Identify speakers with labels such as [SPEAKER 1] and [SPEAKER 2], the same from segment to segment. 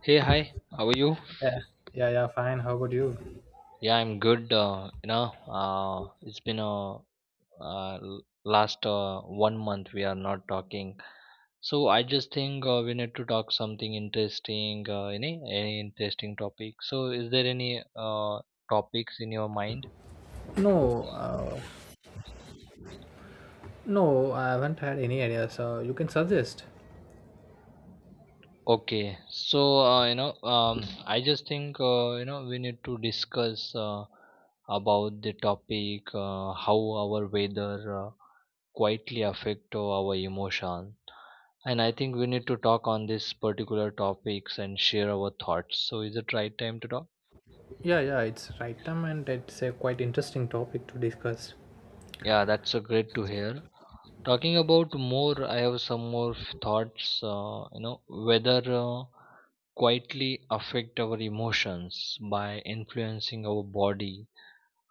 [SPEAKER 1] Hey, hi, how are you?
[SPEAKER 2] Yeah, yeah, yeah, fine. How about you?
[SPEAKER 1] Yeah, I'm good. It's been a last one month we are not talking. So I just think we need to talk something interesting, any interesting topic. So is there any topics in your mind?
[SPEAKER 2] No, no, I haven't had any idea. So you can suggest.
[SPEAKER 1] Okay, so I just think we need to discuss about the topic how our weather quietly affect our emotions. And I think we need to talk on these particular topics and share our thoughts. So, is it right time to talk?
[SPEAKER 2] Yeah, yeah, it's right time and it's a quite interesting topic to discuss.
[SPEAKER 1] Yeah, that's a great to hear. Talking about more, I have some more thoughts. Whether quietly affect our emotions by influencing our body,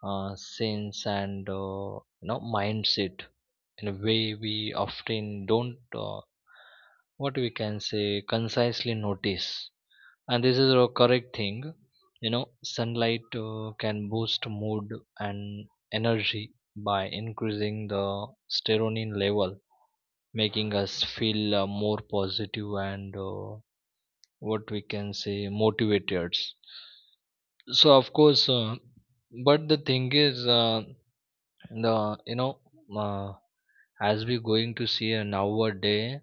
[SPEAKER 1] sense, and mindset in a way we often don't. What we can say concisely notice, and this is a correct thing, you know sunlight can boost mood and energy by increasing the serotonin level, making us feel more positive and what we can say motivated. So of course, but the thing is, the you know uh, as we going to see, nowadays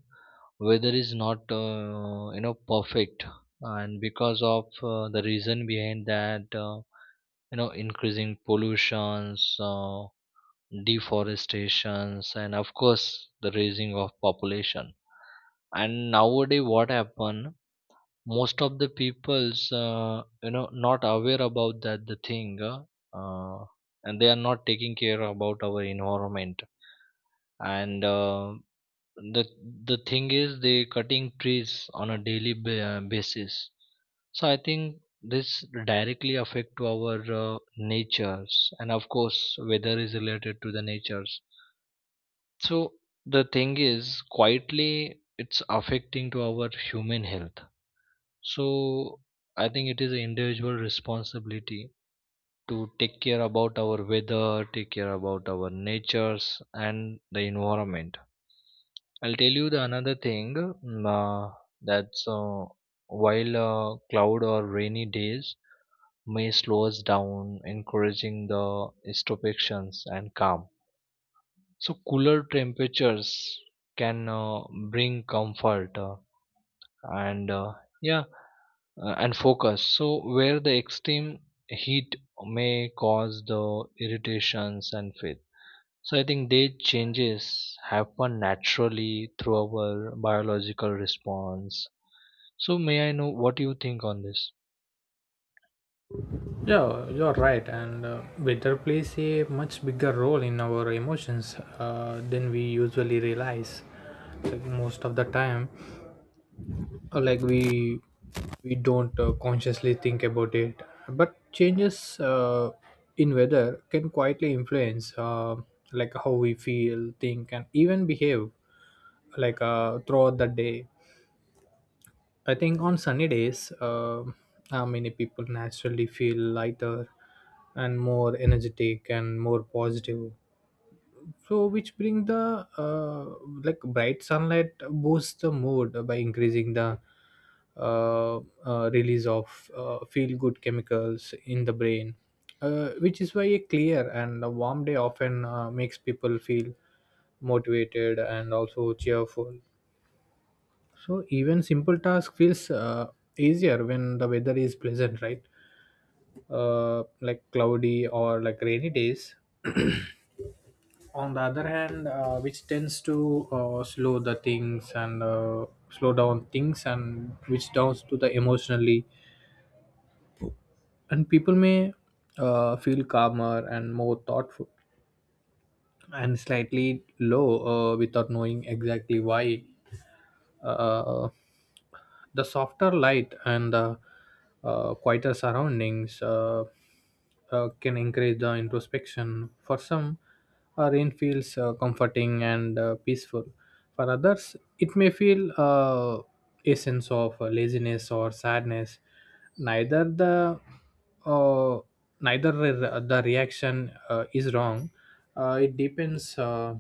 [SPEAKER 1] weather is not, perfect. And because of the reason behind that, increasing pollutions, deforestations, and of course the raising of population. And nowadays what happen, most of the people's not aware about that the thing, uh, and they are not taking care about our environment. And the the thing is they cutting trees on a daily basis. So I think this directly affect to our natures, and of course weather is related to the natures. So the thing is, quietly it's affecting to our human health. So I think it is an individual responsibility to take care about our weather, take care about our natures and the environment. I'll tell you the another thing, that's, while cloud or rainy days may slow us down, encouraging the introspections and calm. So cooler temperatures can bring comfort and yeah, and focus. So where the extreme heat may cause the irritations and faith. So I think they changes happen naturally through our biological response. So may I know what you think on this?
[SPEAKER 2] Yeah, you're right. And weather plays a much bigger role in our emotions than we usually realize. Like most of the time, like we don't consciously think about it, but changes in weather can quietly influence like how we feel, think, and even behave, like throughout the day. I think on sunny days, many people naturally feel lighter and more energetic and more positive. So which bring the like bright sunlight boosts the mood by increasing the uh, release of feel good chemicals in the brain, which is why a clear and a warm day often makes people feel motivated and also cheerful. So even simple task feels easier when the weather is pleasant, right? Like cloudy or like rainy days on the other hand which tends to slow the things and slow down things and which downs to the emotionally, and people may feel calmer and more thoughtful and slightly low without knowing exactly why. Uh, the softer light and the quieter surroundings can encourage the introspection. For some, rain feels comforting and peaceful. For others, it may feel a sense of laziness or sadness. neither the uh, neither re- The reaction is wrong. uh, it depends uh,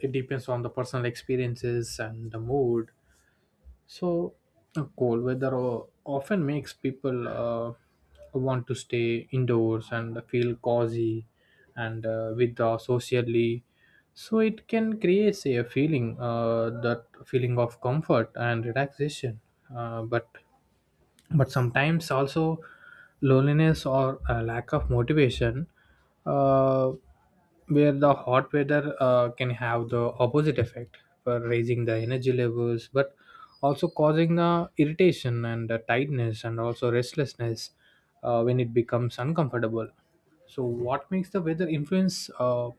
[SPEAKER 2] it depends on the personal experiences and the mood. So cold weather often makes people want to stay indoors and feel cozy and withdraw socially. So it can create, say, a feeling that feeling of comfort and relaxation, but sometimes also loneliness or a lack of motivation. uh, where the hot weather can have the opposite effect, for raising the energy levels, but also causing the irritation and the tightness and also restlessness when it becomes uncomfortable. So what makes the weather influence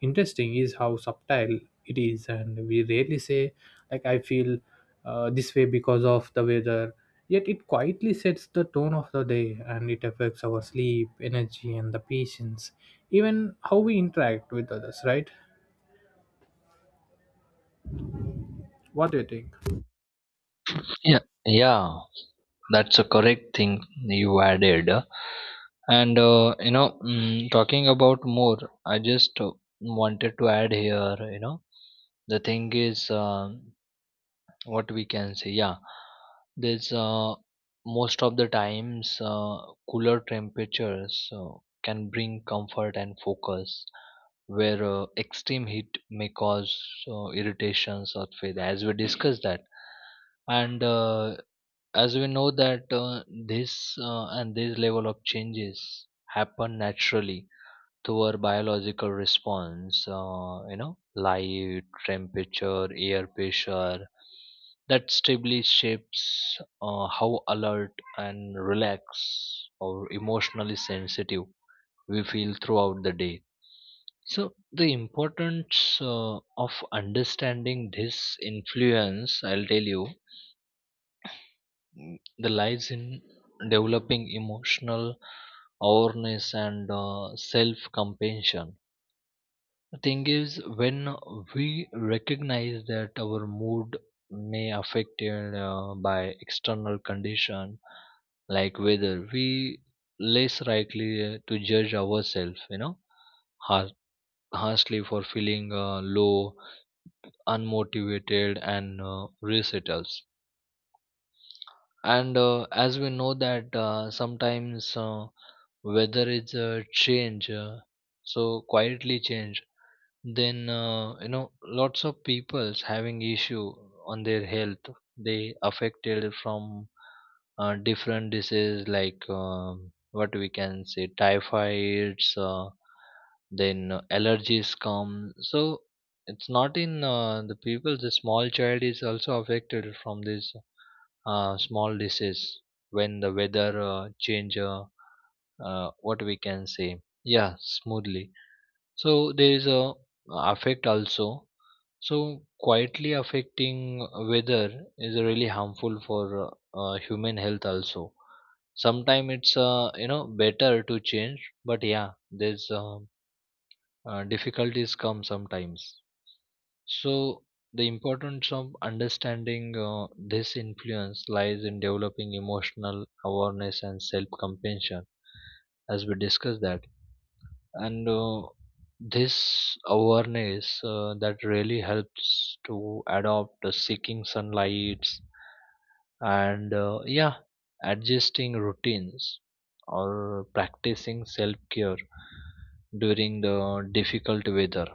[SPEAKER 2] interesting is how subtle it is, and we rarely say, like, I feel this way because of the weather. Yet it quietly sets the tone of the day and it affects our sleep, energy, and the patience, even how we interact with others, right? What do you think?
[SPEAKER 1] Yeah, yeah, that's a correct thing you added. And talking about more, I just wanted to add here. You know, the thing is. What we can say, yeah, there's most of the times, cooler temperatures can bring comfort and focus, where extreme heat may cause irritations or failure, as we discussed that. And as we know that, this and this level of changes happen naturally through our biological response. Light, temperature, air pressure, that stably shapes how alert and relaxed or emotionally sensitive we feel throughout the day. So, the importance of understanding this influence, I'll tell you, the lies in developing emotional awareness and self compassion. The thing is, when we recognize that our mood may affected by external condition like weather, we less likely to judge ourselves, you know, har- harshly for feeling low, unmotivated, and resettles. And as we know that, sometimes weather is a change, so quietly change, then lots of people's having issue on their health. They affected from different diseases like, what we can say, typhoids, then allergies come. So it's not in the people, the small child is also affected from this small disease when the weather change, what we can say, yeah, smoothly. So there is a affect also. So quietly affecting weather is really harmful for human health also. Sometimes it's better to change, but yeah, there's difficulties come sometimes. So the importance of understanding this influence lies in developing emotional awareness and self-compassion, as we discussed that. And this awareness that really helps to adopt seeking sunlights and, yeah, adjusting routines or practicing self care during the difficult weather.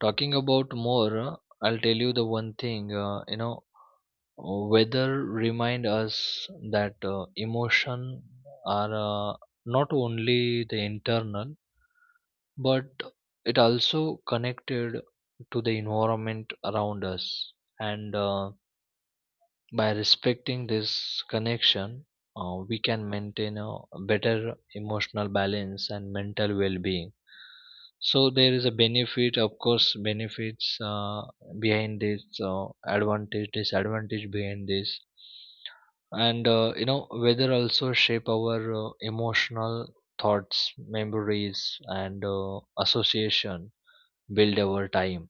[SPEAKER 1] Talking about more, I'll tell you the one thing, weather remind us that emotion are not only the internal, but it also connected to the environment around us. And by respecting this connection, we can maintain a better emotional balance and mental well-being. So there is a benefit, of course, benefits behind this, advantage, disadvantage behind this. And weather also shape our emotional thoughts, memories, and association build over time.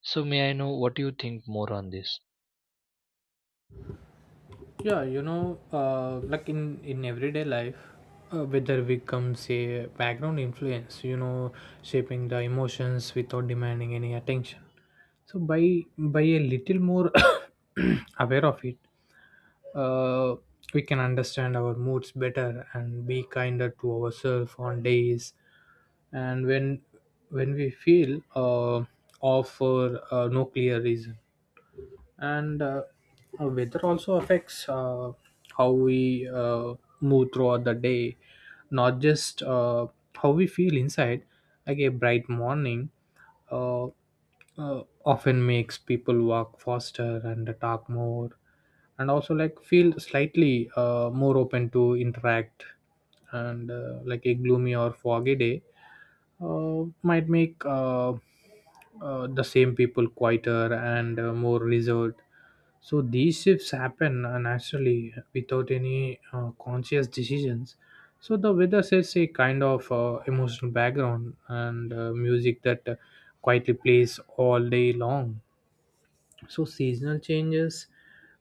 [SPEAKER 1] So may I know what you think more on this?
[SPEAKER 2] Yeah, you know, like in everyday life, weather becomes a background influence. You know, shaping the emotions without demanding any attention. So by a little more aware of it, uh, we can understand our moods better and be kinder to ourselves on days. And when we feel off for no clear reason. And Weather also affects how we move throughout the day, not just how we feel inside. Like a bright morning uh, often makes people walk faster and talk more and also, like, feel slightly more open to interact. And like a gloomy or foggy day might make the same people quieter and more reserved. So these shifts happen naturally without any conscious decisions. So the weather sets a kind of emotional background and music that quietly plays all day long. So seasonal changes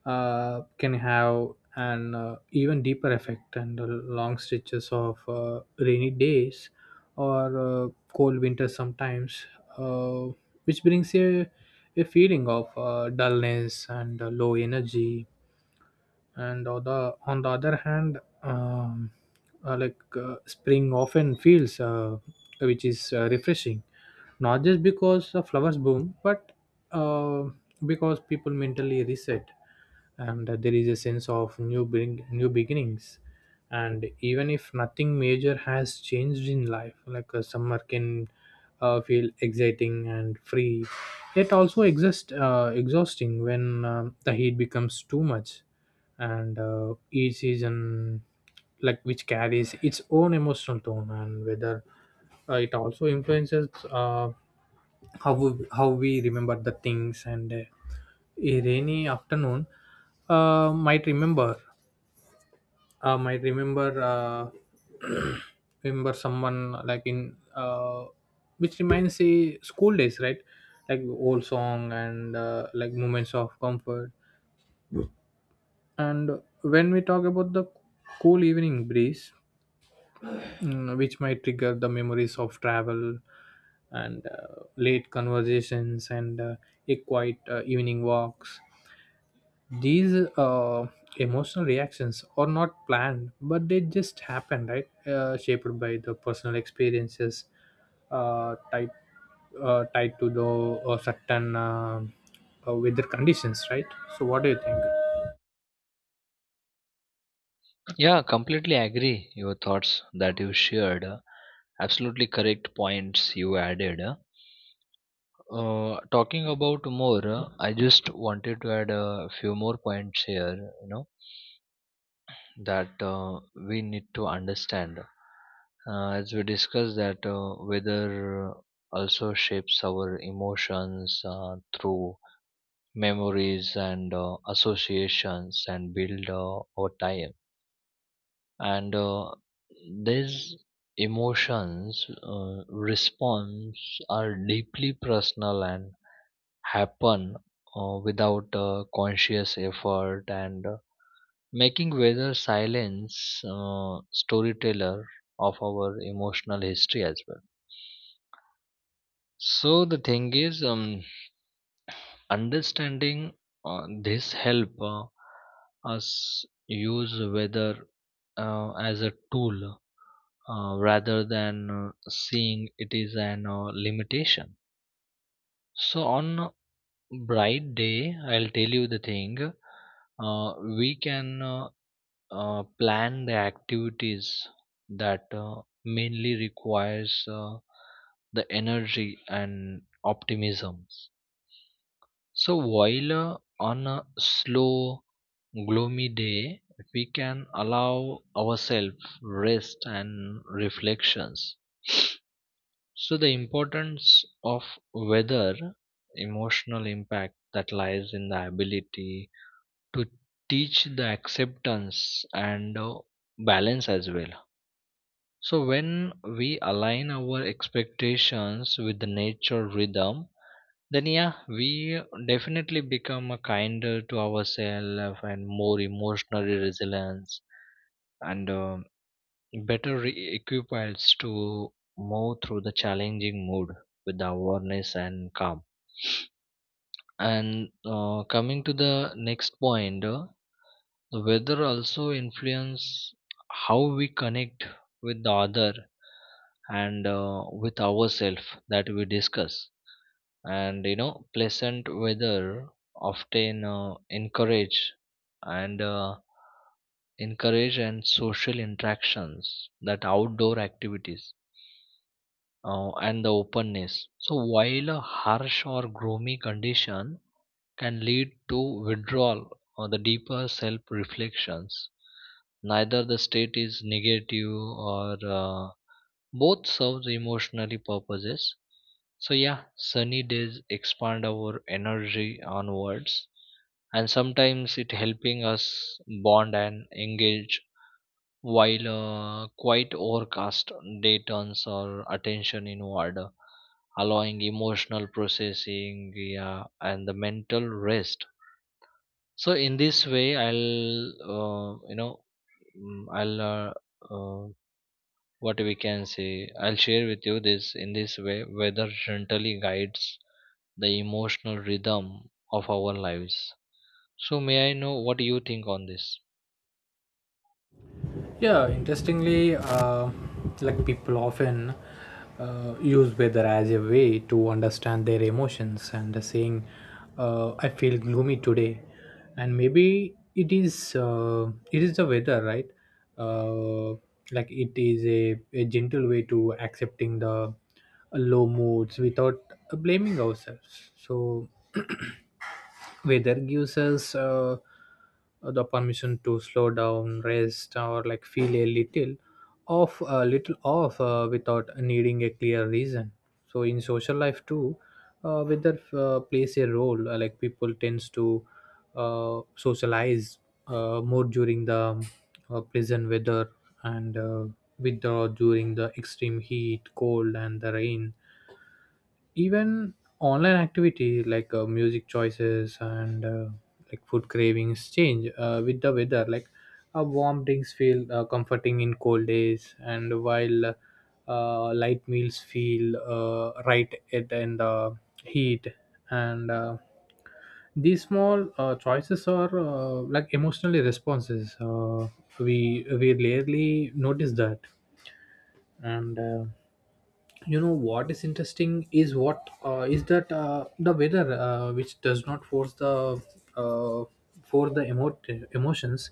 [SPEAKER 2] can have an even deeper effect, and the long stretches of rainy days or cold winters sometimes uh, which brings a feeling of dullness and low energy. And on on the other hand, like spring often feels which is refreshing, not just because the flowers bloom, but uh, because people mentally reset and there is a sense of new beginnings. And even if nothing major has changed in life, like a summer can feel exciting and free, yet also exist exhausting when the heat becomes too much. And each season, like, which carries its own emotional tone. And whether it also influences how how we remember the things. And a rainy afternoon might remember uh, might remember uh, remember someone, like, in which reminds a school days, right? Like old song and like moments of comfort. And when we talk about the cool evening breeze, which might trigger the memories of travel and late conversations and a quiet evening walks. These emotional reactions are not planned, but they just happen, right? Shaped by the personal experiences, uh, tied tied to the certain weather conditions, right? So, what do you think?
[SPEAKER 1] Yeah, completely agree. Your thoughts that you shared, absolutely correct points you added. Talking about more, I just wanted to add a few more points here, you know, that we need to understand. As we discussed, that weather also shapes our emotions through memories and associations, and build over time. And these emotions response are deeply personal and happen without conscious effort, and making weather silence storyteller of our emotional history as well. So the thing is, understanding this help us use weather as a tool, rather than seeing it is an limitation. So on a bright day, I'll tell you the thing, we can plan the activities that mainly requires uh, the energy and optimism. So while on a slow, gloomy day, we can allow ourselves rest and reflections. So the importance of weather, emotional impact that lies in the ability to teach the acceptance and balance as well. So when we align our expectations with the nature rhythm, then, yeah, we definitely become a kinder to ourselves and more emotionally resilient, and better equipped to move through the challenging mood with the awareness and calm. And coming to the next point, the weather also influence how we connect with the other and with ourselves, that we discuss. And you know pleasant weather often encourage and social interactions, that outdoor activities and the openness. So while a harsh or gloomy condition can lead to withdrawal or the deeper self reflections, neither the state is negative or both serve emotionally purposes. So, yeah, sunny days expand our energy onwards, and sometimes it helping us bond and engage, while quite overcast day turns our attention inward, allowing emotional processing, yeah, and the mental rest. So in this way I'll, uh, you know mm, i'll uh, uh, what we can say, I'll share with you this. In this way weather gently guides the emotional rhythm of our lives. So may I know what you think on this?
[SPEAKER 2] Yeah, interestingly, like people often use weather as a way to understand their emotions, and saying, "I feel gloomy today," and maybe it is the weather, right? Uh, like it is a gentle way to accepting the low moods without blaming ourselves. So weather gives us. The permission to slow down, rest, or like feel a little off without needing a clear reason. So in social life too, weather plays a role, like people tends to socialize more during the pleasant weather and withdraw during the extreme heat, cold, and the rain. Even online activity like music choices and like food cravings change with the weather, like warm drinks feel comforting in cold days, and while light meals feel right at in the heat. And these small choices are like emotionally responses we rarely notice that. And you know what is interesting is what is that the weather which does not force the uh, for the emo- emotions,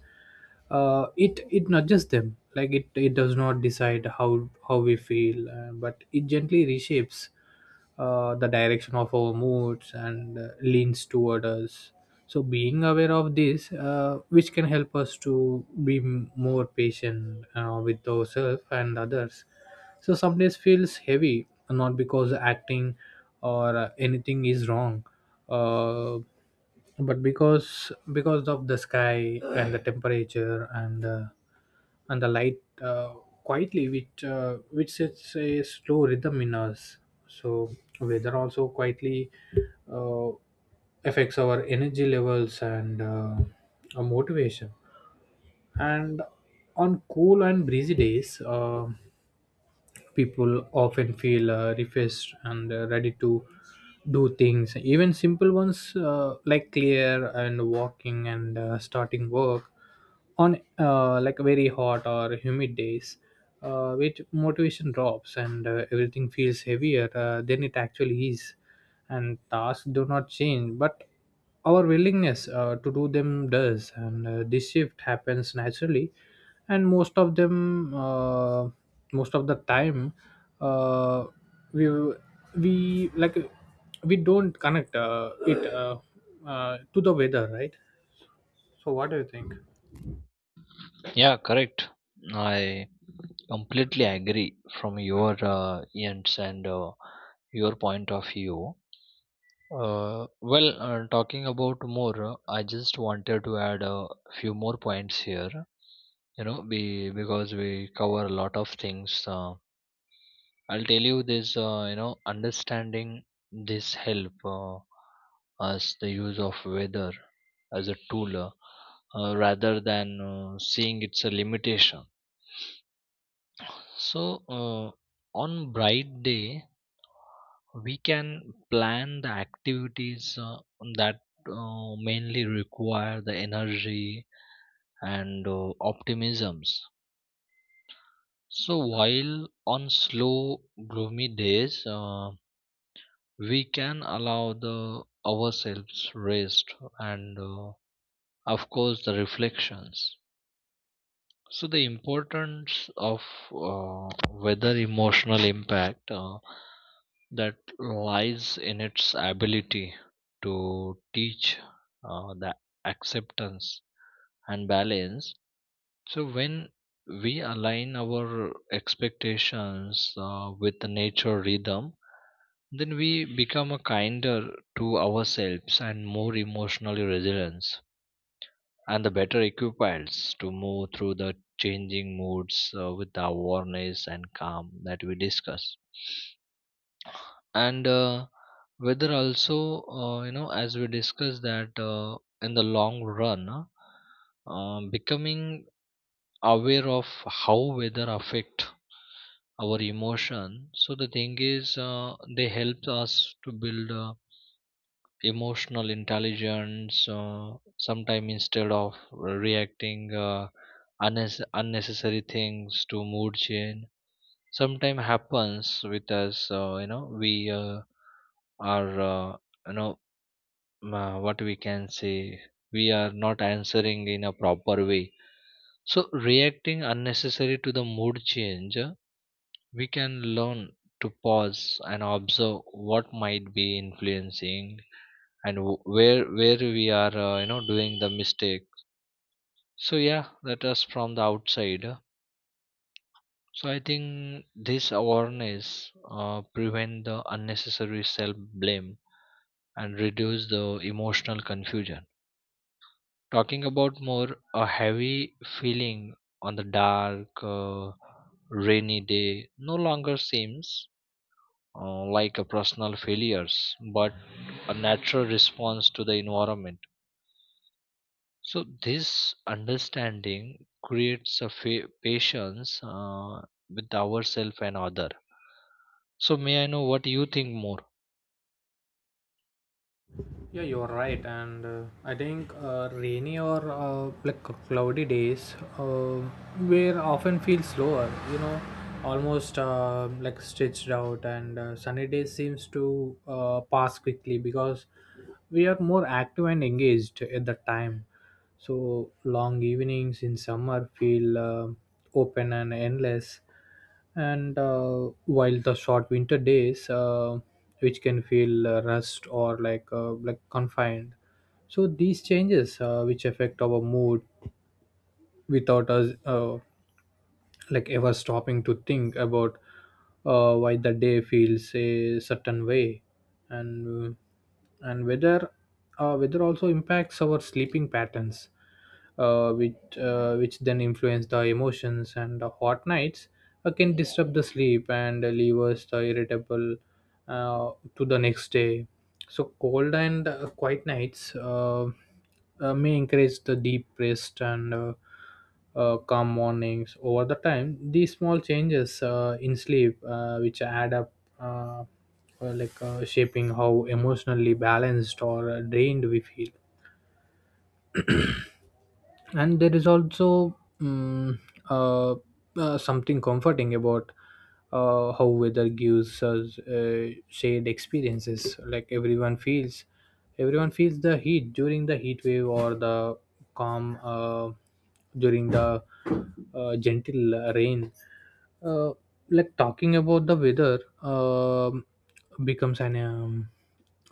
[SPEAKER 2] it nudges them, like it does not decide how we feel, but it gently reshapes the direction of our moods and leans toward us. So being aware of this which can help us to be more patient with ourselves and others. So some days feels heavy, not because acting or anything is wrong, uh, but because of the sky and the temperature and the light quietly which sets a slow rhythm in us. So weather also quietly uh, affects our energy levels and our motivation. And on cool and breezy days, people often feel refreshed and ready to do things, even simple ones, like clear and walking and starting work. On like very hot or humid days, which motivation drops and everything feels heavier than it actually is, and tasks do not change but our willingness to do them does. And this shift happens naturally. And most of the time, uh, we we like we don't connect it to the weather, right? So what do you think?
[SPEAKER 1] Yeah, correct. I completely agree from your ends and your point of view. uh, well, talking about more, I just wanted to add a few more points here, you know, we, because we cover a lot of things, I'll tell you this. Understanding this help us the use of weather as a tool, rather than seeing it's a limitation. So on bright day, we can plan the activities that mainly require the energy and optimisms. So while on slow, gloomy days, we can allow the ourselves rest and, of course, the reflections. So the importance of whether emotional impact that lies in its ability to teach the acceptance and balance. So when we align our expectations with the nature rhythm, then we become a kinder to ourselves and more emotionally resilient, and the better equipped to move through the changing moods with the awareness and calm, that we discuss. And whether also, as we discussed that, in the long run, becoming aware of how weather affect our emotion. So the thing is, they help us to build emotional intelligence. Sometime, instead of reacting unnecessary things to mood change. Sometime happens with us, you know we are you know what we can say, we are not answering in a proper way. So, reacting unnecessary to the mood change, we can learn to pause and observe what might be influencing, and where we are, doing the mistake. So, yeah, that is from the outside. So, I think this awareness prevent the unnecessary self blame and reduce the emotional confusion. Talking about more, a heavy feeling on the dark, rainy day no longer seems like a personal failures, but a natural response to the environment. So this understanding creates a patience with ourselves and other. So may I know what you think more?
[SPEAKER 2] Yeah, you're right. And I think rainy or like cloudy days where often feel slower. You know, almost like stretched out. And sunny days seems to pass quickly because we are more active and engaged at that time. So long evenings in summer feel open and endless, and while the short winter days which can feel rust or like confined. So these changes which affect our mood without us like ever stopping to think about why the day feels a certain way. And and whether uh, weather also impacts our sleeping patterns, which then influence the emotions. And the hot nights can disturb the sleep and leave us the irritable to the next day. So cold and quiet nights may encourage the deep rest and calm mornings. Over the time, these small changes in sleep, which add up, uh, like shaping how emotionally balanced or drained we feel. And there is also uh, something comforting about how weather gives us shared experiences, like everyone feels the heat during the heat wave, or the calm during the gentle rain. uh, like talking about the weather um becomes an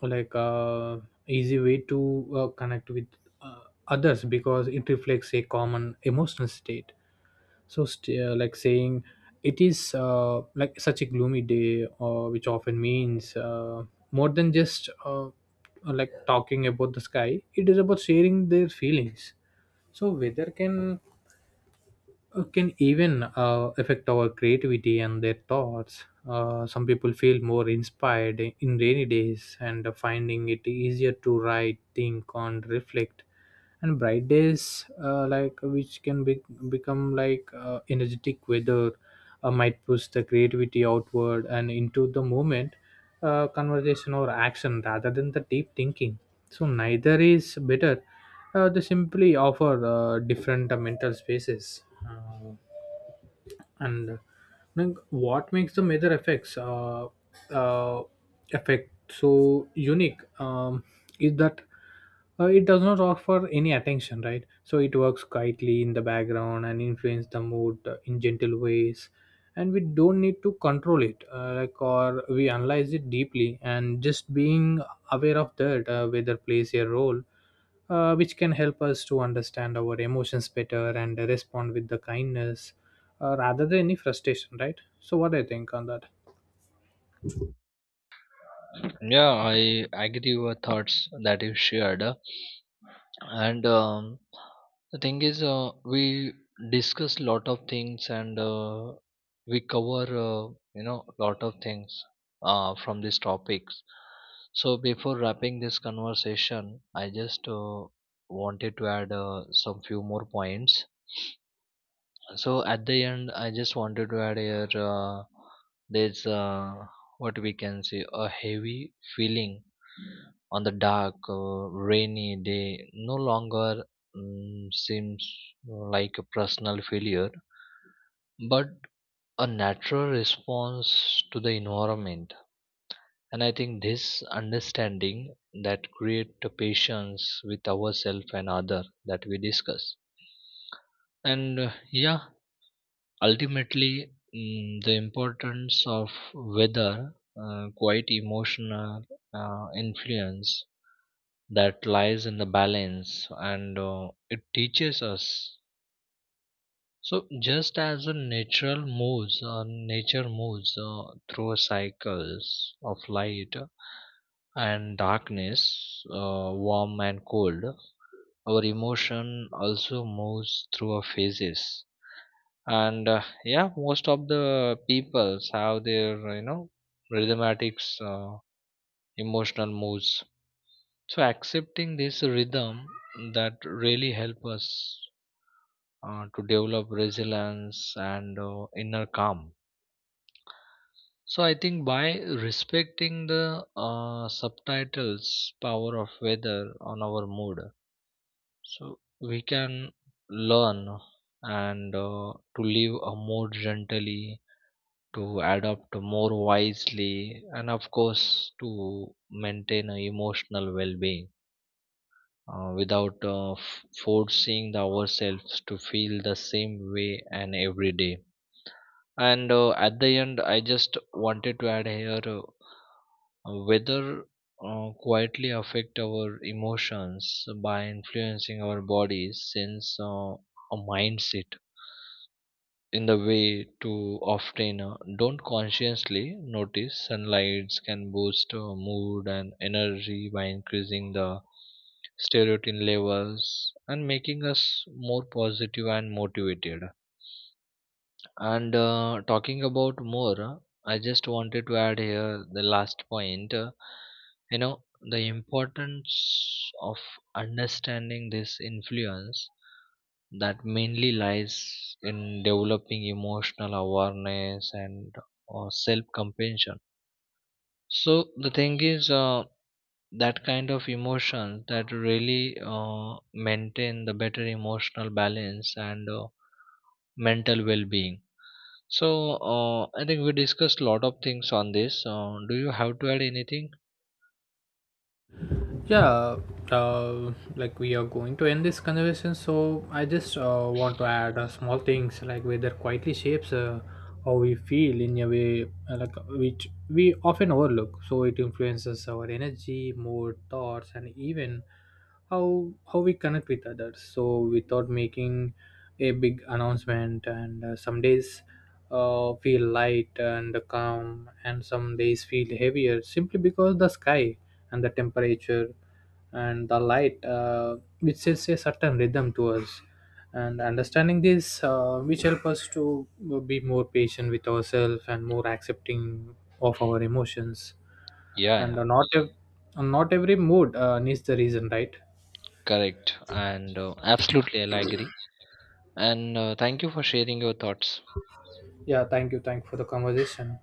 [SPEAKER 2] like easy way to connect with uh, others, because it reflects a common emotional state. So like saying it is like such a gloomy day which often means more than just like talking about the sky, it is about sharing their feelings. So weather can even affect our creativity and their thoughts. Some people feel more inspired in rainy days and finding it easier to write, think, and reflect. And bright days, like become like energetic weather, might push the creativity outward and into the moment, conversation or action rather than the deep thinking. So neither is better, they simply offer different mental spaces. Uh, and Like, what makes the major effects uh, effect so unique, is that it does not offer any attention, right? So it works quietly in the background and influence the mood in gentle ways. And we don't need to control it, like, or we analyze it deeply, and just being aware of that whether plays a role which can help us to understand our emotions better and respond with the kindness rather than any frustration, right? So, what do you think on that?
[SPEAKER 1] Yeah, I agree with your thoughts that you shared. And the thing is, we discuss lot of things, and we cover, lot of things from these topics. So before wrapping this conversation, I just wanted to add some few more points. So at the end, I just wanted to add here, there's, what we can say, a heavy feeling on the dark, rainy day no longer seems like a personal failure, but a natural response to the environment. And I think this understanding that create the patience with ourselves and other, that we discuss. And, yeah, ultimately, the importance of weather, quite emotional influence that lies in the balance, and it teaches us. So, just as a natural moves, nature moves through cycles of light and darkness, warm and cold, our emotion also moves through our phases. And, yeah, most of the peoples have their, you know, rhythmatics emotional moves. So accepting this rhythm that really help us to develop resilience and inner calm. So I think by respecting the subtitles power of weather on our mood, so we can learn and to live a more gently, to adopt more wisely, and of course to maintain a emotional well-being without forcing the ourselves to feel the same way and every day. And at the end I just wanted to add here, whether quietly affect our emotions by influencing our bodies since, a mindset in the way to often don't consciously notice. Sunlights can boost mood and energy by increasing the serotonin levels and making us more positive and motivated. And talking about more, I just wanted to add here the last point. You know, the importance of understanding this influence that mainly lies in developing emotional awareness and self compassion. So the thing is, that kind of emotions that really maintain the better emotional balance and mental well being. So I think we discussed a lot of things on this. Do you have to add anything?
[SPEAKER 2] Yeah, like we are going to end this conversation, so I just want to add small things, like weather quietly shapes how we feel in a way like which we often overlook. So it influences our energy, mood, thoughts, and even how we connect with others. So without making a big announcement, and some days feel light and calm, and some days feel heavier simply because the sky and the temperature and the light, which sets a certain rhythm to us. And understanding this, which help us to be more patient with ourselves and more accepting of our emotions.
[SPEAKER 1] Yeah,
[SPEAKER 2] And
[SPEAKER 1] yeah,
[SPEAKER 2] not every mood needs the reason, right?
[SPEAKER 1] correct, and absolutely, I'll agree. And thank you for sharing your thoughts.
[SPEAKER 2] Yeah, thank you for the conversation.